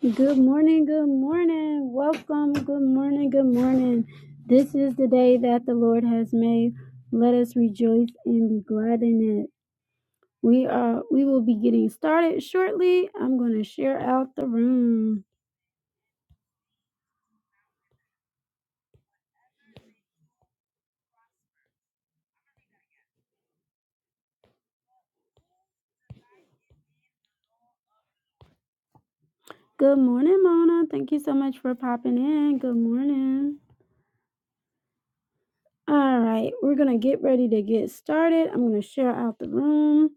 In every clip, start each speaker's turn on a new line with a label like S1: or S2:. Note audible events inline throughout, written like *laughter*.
S1: Good morning, good morning. Welcome, good morning, good morning. This is the day that the Lord has made. Let us rejoice and be glad in it. We are we will be getting started shortly. I'm going to share out the room. Good morning, Mona. Thank you so much for popping in. Good morning. All right, we're going to get ready to get started. I'm going to share out the room.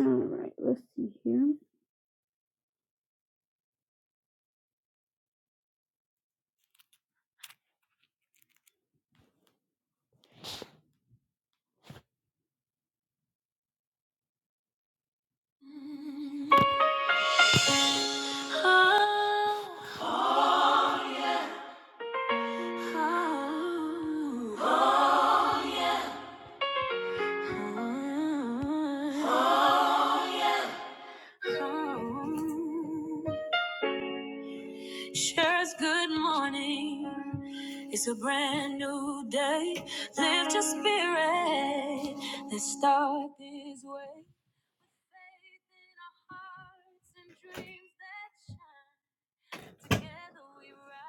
S1: All right, let's see here.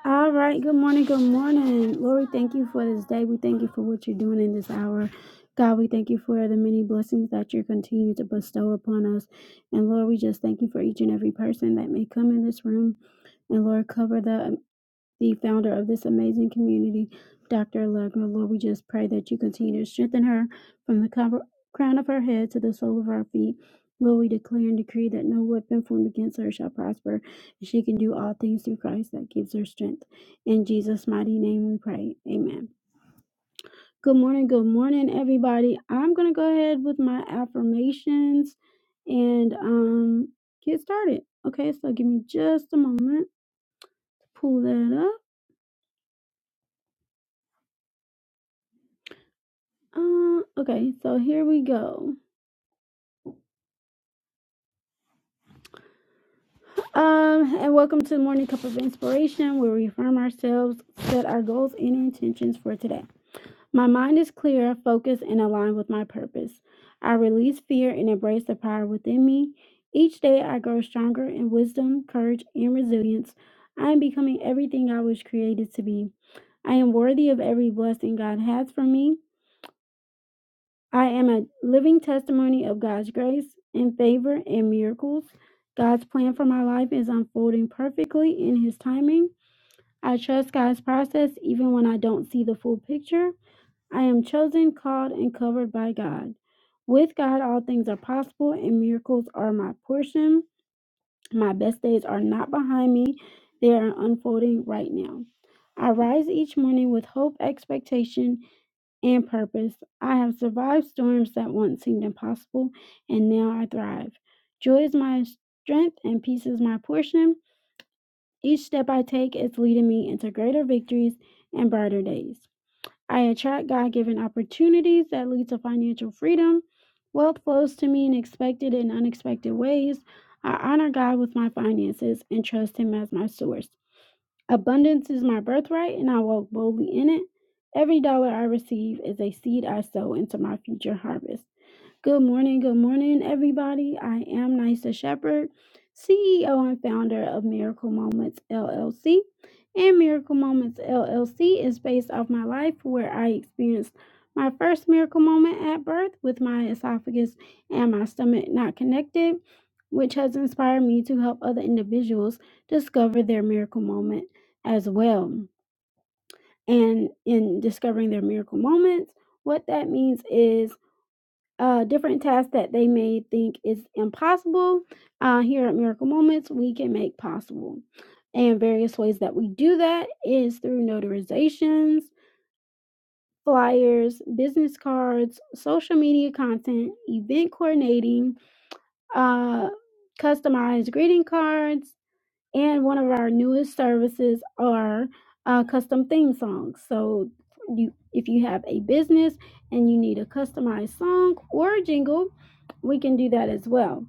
S1: All right. Good morning. Good morning. Lord, we thank you for this day. We thank you for what you're doing in this hour. God, we thank you for the many blessings that you're continuing to bestow upon us. And Lord, we just thank you for each and every person that may come in this room. And Lord, cover them the founder of this amazing community, Dr. Legma. Lord, we just pray that you continue to strengthen her from the cover, crown of her head to the sole of her feet. Lord, we declare and decree that no weapon formed against her shall prosper, and she can do all things through Christ that gives her strength. In Jesus' mighty name we pray. Amen. Good morning, good morning, everybody. I'm going to go ahead with my affirmations and um, get started. Okay, so give me just a moment to pull that up. Um, okay, so here we go. Um, and welcome to Morning Cup of Inspiration, where we affirm ourselves, set our goals and intentions for today. My mind is clear, focused, and aligned with my purpose. I release fear and embrace the power within me. Each day I grow stronger in wisdom, courage, and resilience. I am becoming everything I was created to be. I am worthy of every blessing God has for me. I am a living testimony of God's grace and favor and miracles. God's plan for my life is unfolding perfectly in His timing. I trust God's process even when I don't see the full picture. I am chosen, called, and covered by God. With God, all things are possible, and miracles are my portion. My best days are not behind me, they are unfolding right now. I rise each morning with hope, expectation, and purpose. I have survived storms that once seemed impossible, and now I thrive. Joy is my strength, and peace is my portion. Each step I take is leading me into greater victories and brighter days. I attract God given opportunities that lead to financial freedom. Wealth flows to me in expected and unexpected ways. I honor God with my finances and trust Him as my source. Abundance is my birthright, and I walk boldly in it. Every dollar I receive is a seed I sow into my future harvest. Good morning, good morning, everybody. I am Nisa Shepherd, CEO and founder of Miracle Moments LLC. And Miracle Moments LLC is based off my life where I experienced my first miracle moment at birth with my esophagus and my stomach not connected, which has inspired me to help other individuals discover their miracle moment as well. And in discovering their miracle moments, what that means is uh, different tasks that they may think is impossible. Uh, here at Miracle Moments, we can make possible. And various ways that we do that is through notarizations, flyers, business cards, social media content, event coordinating, uh, customized greeting cards, and one of our newest services are uh, custom theme songs. So you, if you have a business and you need a customized song or a jingle, we can do that as well.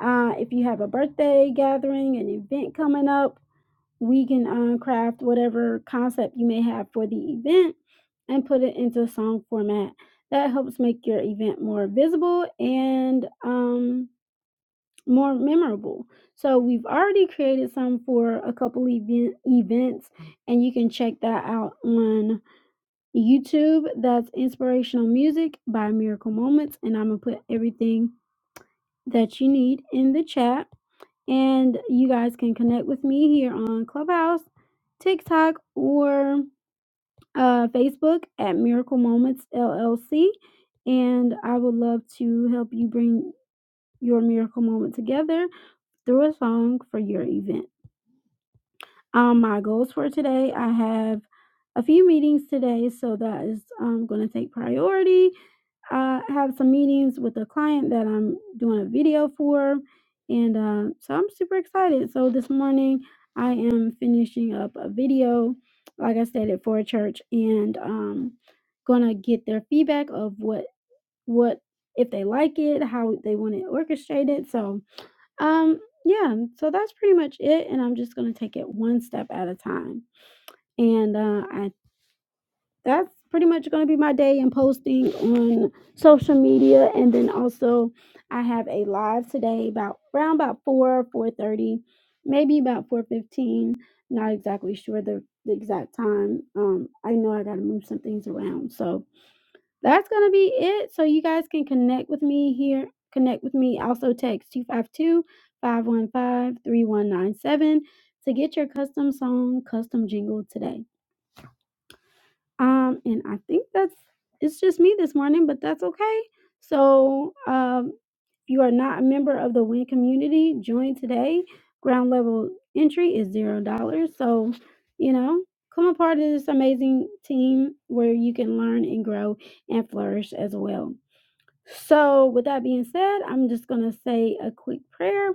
S1: Uh, if you have a birthday gathering, an event coming up, we can uh, craft whatever concept you may have for the event and put it into song format. That helps make your event more visible and um, more memorable. So we've already created some for a couple event, events, and you can check that out on YouTube. That's Inspirational Music by Miracle Moments, and I'm gonna put everything that you need in the chat. And you guys can connect with me here on Clubhouse, TikTok, or uh, Facebook at Miracle Moments LLC. And I would love to help you bring your miracle moment together through a song for your event. Um, my goals for today I have a few meetings today, so that is um, going to take priority. Uh, I have some meetings with a client that I'm doing a video for, and uh, so I'm super excited. So this morning I am finishing up a video, like I said, at for a church, and um, going to get their feedback of what what if they like it, how they want it orchestrated. So um, yeah, so that's pretty much it, and I'm just gonna take it one step at a time. And uh, I that's pretty much gonna be my day in posting on social media, and then also I have a live today about around about four, four thirty, maybe about four fifteen. Not exactly sure the, the exact time. Um, I know I gotta move some things around, so that's gonna be it. So you guys can connect with me here. Connect with me. Also text two five two five one five three one nine seven to get your custom song, custom jingle today. Um, and I think that's it's just me this morning, but that's okay. So um if you are not a member of the WIN community, join today. Ground level entry is zero dollars. So, you know, come a part of this amazing team where you can learn and grow and flourish as well. So, with that being said, I'm just going to say a quick prayer.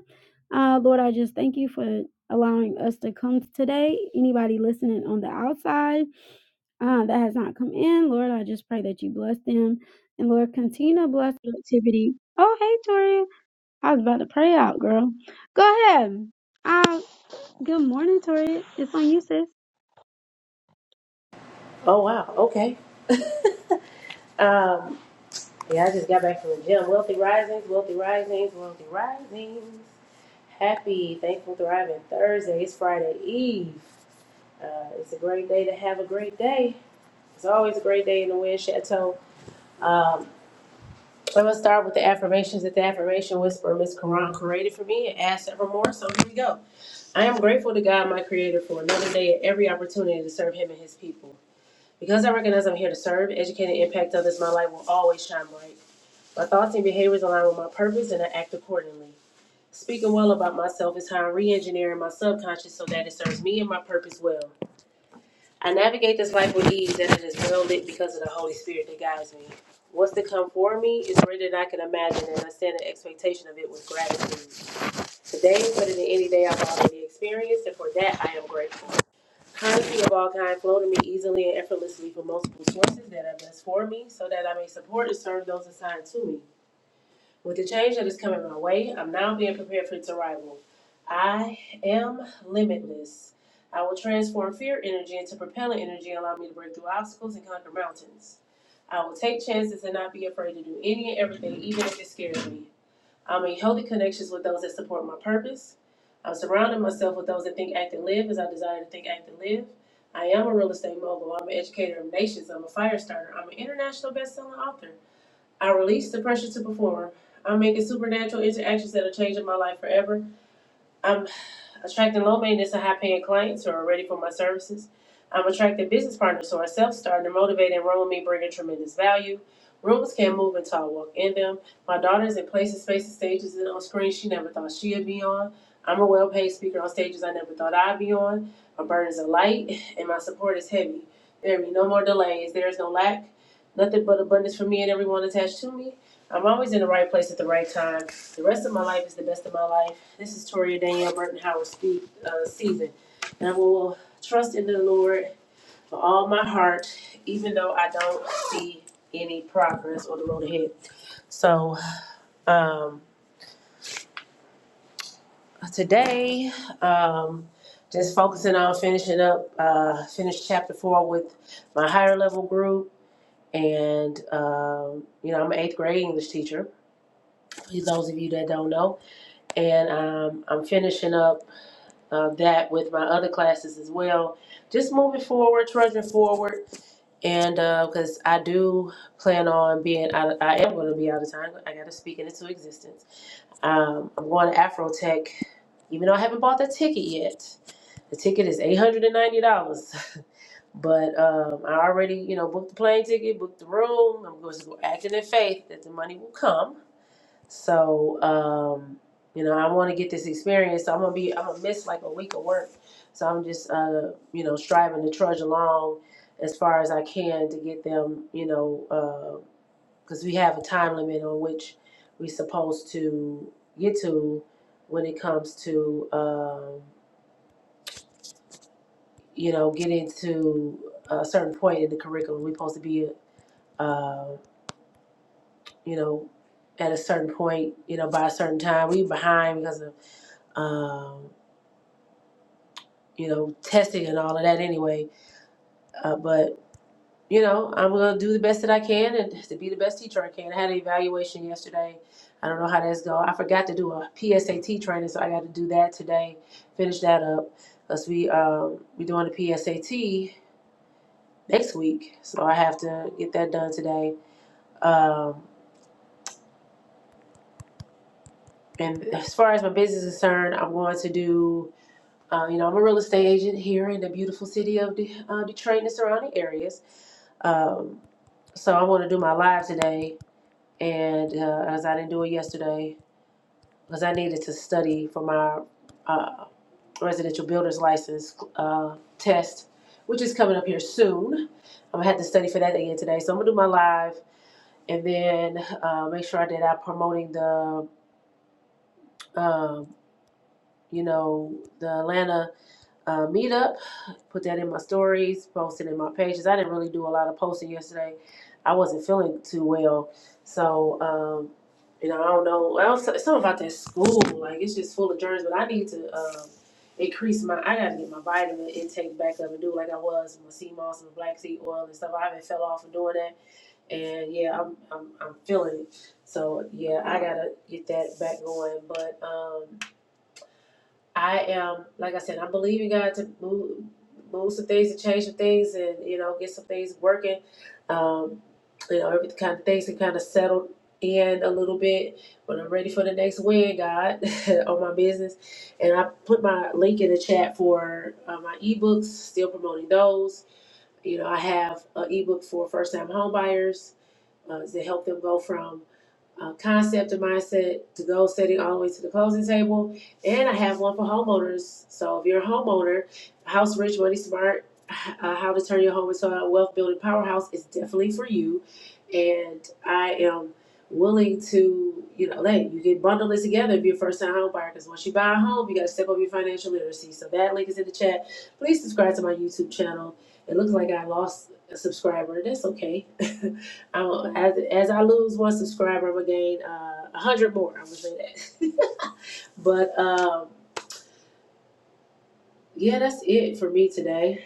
S1: Uh, Lord, I just thank you for allowing us to come today. Anybody listening on the outside uh, that has not come in, Lord, I just pray that you bless them. And Lord, continue to bless the activity. Oh, hey, Toria. I was about to pray out, girl. Go ahead. Uh, good morning, Toria. It's on you, sis.
S2: Oh wow. Okay. Um, yeah, I just got back from the gym. Wealthy risings, wealthy risings, wealthy risings. Happy, thankful, thriving Thursday. It's Friday Eve. Uh, it's a great day to have a great day. It's always a great day in the Wind Chateau. Um, I'm gonna start with the affirmations that the affirmation Whisperer Miss Karan created for me and asked for more. So here we go. I am grateful to God, my Creator, for another day and every opportunity to serve Him and His people. Because I recognize I'm here to serve, educate, and impact others, my light will always shine bright. My thoughts and behaviors align with my purpose and I act accordingly. Speaking well about myself is how I'm re engineering my subconscious so that it serves me and my purpose well. I navigate this life with ease and it is well lit because of the Holy Spirit that guides me. What's to come for me is greater than I can imagine and I stand in expectation of it with gratitude. Today better than any day I've already experienced and for that I am grateful. Currency of all kind flow to me easily and effortlessly from multiple sources that are best for me so that I may support and serve those assigned to me. With the change that is coming my way, I'm now being prepared for its arrival. I am limitless. I will transform fear energy into propellant energy, allow me to break through obstacles and conquer mountains. I will take chances and not be afraid to do any and everything, even if it scares me. I'm in healthy connections with those that support my purpose. I'm surrounding myself with those that think, act, and live as I desire to think, act, and live. I am a real estate mogul. I'm an educator of nations. I'm a fire starter. I'm an international best-selling author. I release the pressure to perform. I'm making supernatural interactions that are changing my life forever. I'm attracting low maintenance and high paying clients who are ready for my services. I'm attracting business partners who are self starting to motivate and enroll me, bringing tremendous value. Rooms can't move until I walk in them. My daughter's in places, spaces, stages, and on screens she never thought she'd be on. I'm a well paid speaker on stages I never thought I'd be on. My burdens are light and my support is heavy. There will be no more delays. There is no lack. Nothing but abundance for me and everyone attached to me. I'm always in the right place at the right time. The rest of my life is the best of my life. This is Toria Danielle Burton Howard speak, uh, season. And I will trust in the Lord for all my heart, even though I don't see any progress on the road ahead. So um, today, um, just focusing on finishing up, uh, finish chapter four with my higher level group. And, um, you know, I'm an eighth grade English teacher, for those of you that don't know. And um, I'm finishing up uh, that with my other classes as well. Just moving forward, trudging forward, and because I do plan on being out, I am going to be out of time. I got to speak it into existence. Um, I'm going to Afrotech, even though I haven't bought the ticket yet. The ticket is eight hundred and ninety dollars. *laughs* But um, I already, you know, booked the plane ticket, booked the room. I'm going to go acting in faith that the money will come so, um, you know, I want to get this experience. So I'm gonna be, I'm gonna miss like a week of work. So I'm just, uh, you know, striving to trudge along as far as I can to get them, you know, because we have a time limit on which we're supposed to get to when it comes to, um, you know, getting to a certain point in the curriculum. We're supposed to be, uh, you know, at a certain point, you know, by a certain time. We behind because of um, you know, testing and all of that anyway. Uh, but, you know, I'm going to do the best that I can and to be the best teacher I can. I had an evaluation yesterday. I don't know how that's going. I forgot to do a PSAT training, so I got to do that today, finish that up. Because we, um, we doing the PSAT next week, so I have to get that done today. Um, and as far as my business is concerned, I'm going to do, uh, you know, I'm a real estate agent here in the beautiful city of De- uh, Detroit and the surrounding areas. Um, So I want to do my live today, and uh, as I didn't do it yesterday, because I needed to study for my uh, residential builder's license uh, test, which is coming up here soon. I'm gonna have to study for that again today. So I'm gonna do my live, and then uh, make sure I did out promoting the, um, you know, the Atlanta uh, meetup put that in my stories, posted in my pages. I didn't really do a lot of posting yesterday. I wasn't feeling too well, so um, you know I don't know. Well, so- something about that school, like it's just full of germs. But I need to um, increase my. I gotta get my vitamin intake back up and do like I was with my sea moss and black seed oil and stuff. I haven't fell off of doing that, and yeah, I'm I'm I'm feeling it. So yeah, I gotta get that back going, but. um I am, like I said, I believe in God to move, move some things and change some things, and you know, get some things working. Um, you know, every kind of things can kind of settle in a little bit when I'm ready for the next win, God, *laughs* on my business. And I put my link in the chat for uh, my ebooks. Still promoting those. You know, I have an ebook for first-time homebuyers uh, to help them go from uh, concept and mindset to goal setting all the way to the closing table. And I have one for homeowners. So if you're a homeowner, House Rich Money Smart, uh, how to turn your home into a wealth building powerhouse is definitely for you. And I am willing to, you know, hey, you can bundle this together if you're a first time home buyer. Because once you buy a home, you got to step up your financial literacy. So that link is in the chat. Please subscribe to my YouTube channel. It looks like I lost a subscriber. That's okay. *laughs* I will, as as I lose one subscriber, I'm gonna gain uh, a uh, hundred more. I'm gonna say that. *laughs* but um, yeah, that's it for me today.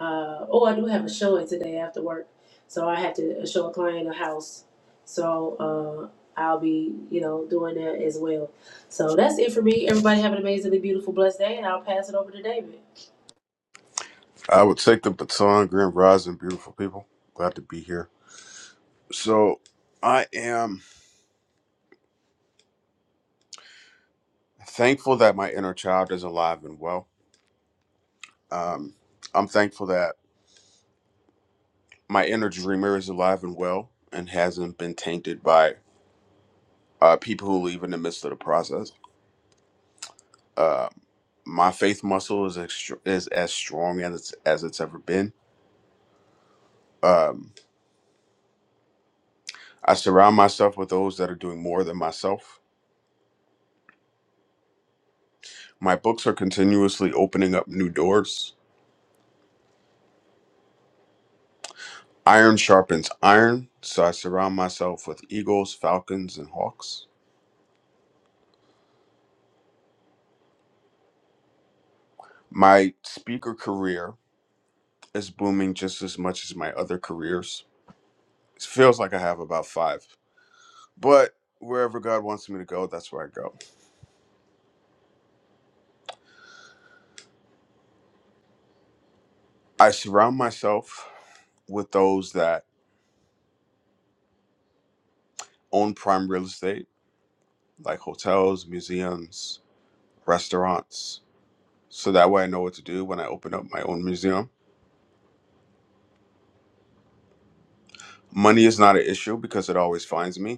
S2: Uh, oh, I do have a showing today after work, so I have to uh, show a client a house. So uh, I'll be you know doing that as well. So that's it for me. Everybody have an amazingly beautiful, blessed day, and I'll pass it over to David.
S3: I would take the baton, Grand Rising, beautiful people. Glad to be here. So, I am thankful that my inner child is alive and well. Um, I'm thankful that my inner dreamer is alive and well and hasn't been tainted by uh, people who leave in the midst of the process. Um my faith muscle is extra- is as strong as it's, as it's ever been. Um, I surround myself with those that are doing more than myself. My books are continuously opening up new doors Iron sharpens iron, so I surround myself with eagles, falcons, and hawks. My speaker career is booming just as much as my other careers. It feels like I have about five, but wherever God wants me to go, that's where I go. I surround myself with those that own prime real estate, like hotels, museums, restaurants, so that way I know what to do when I open up my own museum. Money is not an issue because it always finds me.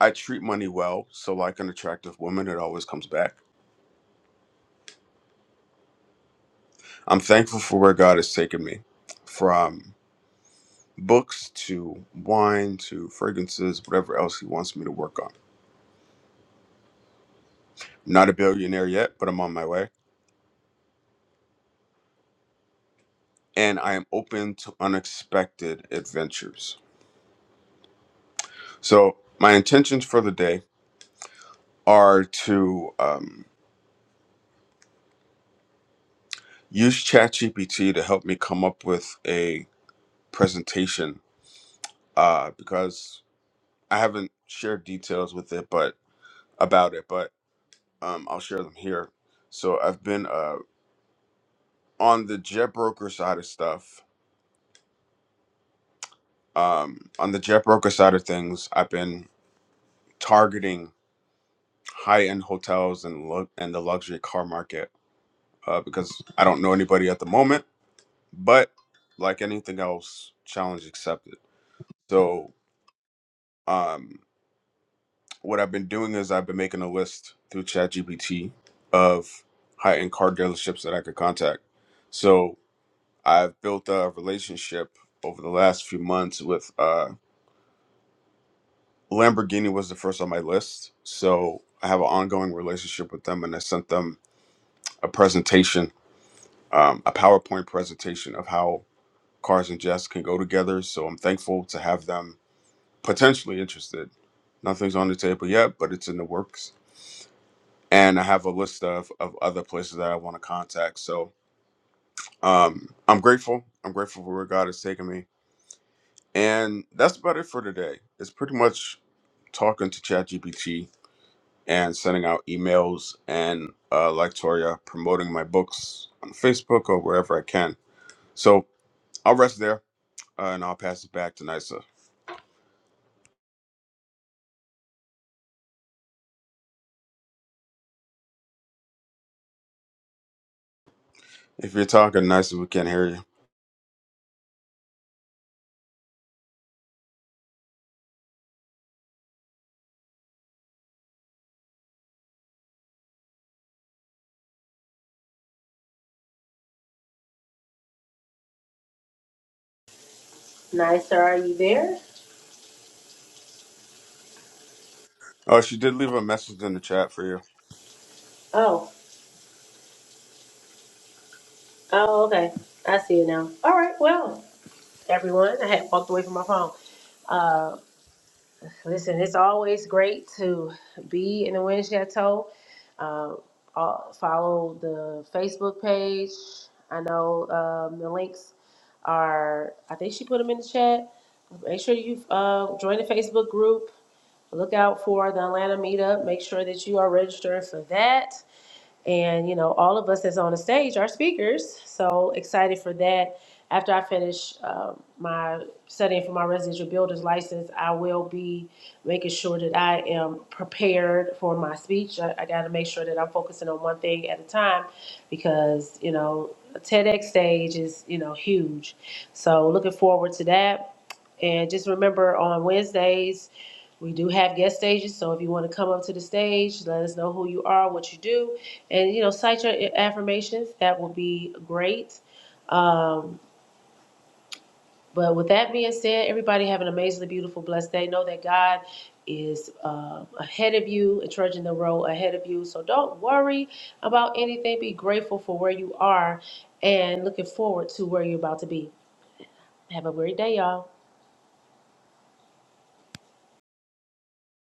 S3: I treat money well, so like an attractive woman, it always comes back. I'm thankful for where God has taken me from books to wine to fragrances, whatever else He wants me to work on. I'm not a billionaire yet, but I'm on my way. And I am open to unexpected adventures. So, my intentions for the day are to um, use ChatGPT to help me come up with a presentation uh, because I haven't shared details with it, but about it. But um, I'll share them here. So I've been uh, on the jet broker side of stuff. Um, on the jet broker side of things, I've been targeting high end hotels and lu- and the luxury car market uh, because I don't know anybody at the moment. But like anything else, challenge accepted. So um, what I've been doing is I've been making a list through ChatGPT of high end car dealerships that I could contact. So I've built a relationship over the last few months with uh, Lamborghini was the first on my list, so I have an ongoing relationship with them, and I sent them a presentation, um, a PowerPoint presentation of how cars and jets can go together. So I'm thankful to have them potentially interested. Nothing's on the table yet, but it's in the works, and I have a list of of other places that I want to contact. So um, I'm grateful. I'm grateful for where God has taken me And that's about it for today. It's pretty much talking to ChatGPT and sending out emails and, uh, like Toria, promoting my books on Facebook or wherever I can. So I'll rest there uh, and I'll pass it back to Nisa. If you're talking, Nisa, we can't hear you.
S2: Nice, sir. Are you there?
S3: Oh, she did leave a message in the chat for you.
S2: Oh, oh, okay. I see it now. All right. Well, everyone, I had walked away from my phone Uh, Listen, it's always great to be in the Wind Chateau. Uh, all- follow the Facebook page. I know um, the links are, I think she put them in the chat. Make sure you uh, join the Facebook group. Look out for the Atlanta meetup. Make sure that you are registering for that. And, you know, all of us that's on the stage are speakers. So excited for that. After I finish um, my studying for my residential builder's license, I will be making sure that I am prepared for my speech. I, I got to make sure that I'm focusing on one thing at a time because, you know, a TEDx stage is, you know, huge. So looking forward to that. And just remember on Wednesdays, we do have guest stages, so if you want to come up to the stage, let us know who you are, what you do, and you know, cite your affirmations. That will be great. Um, but with that being said, everybody have an amazingly beautiful, blessed day. Know that God is uh, ahead of you and trudging the road ahead of you. So don't worry about anything. Be grateful for where you are and looking forward to where you're about to be. Have a great day, y'all.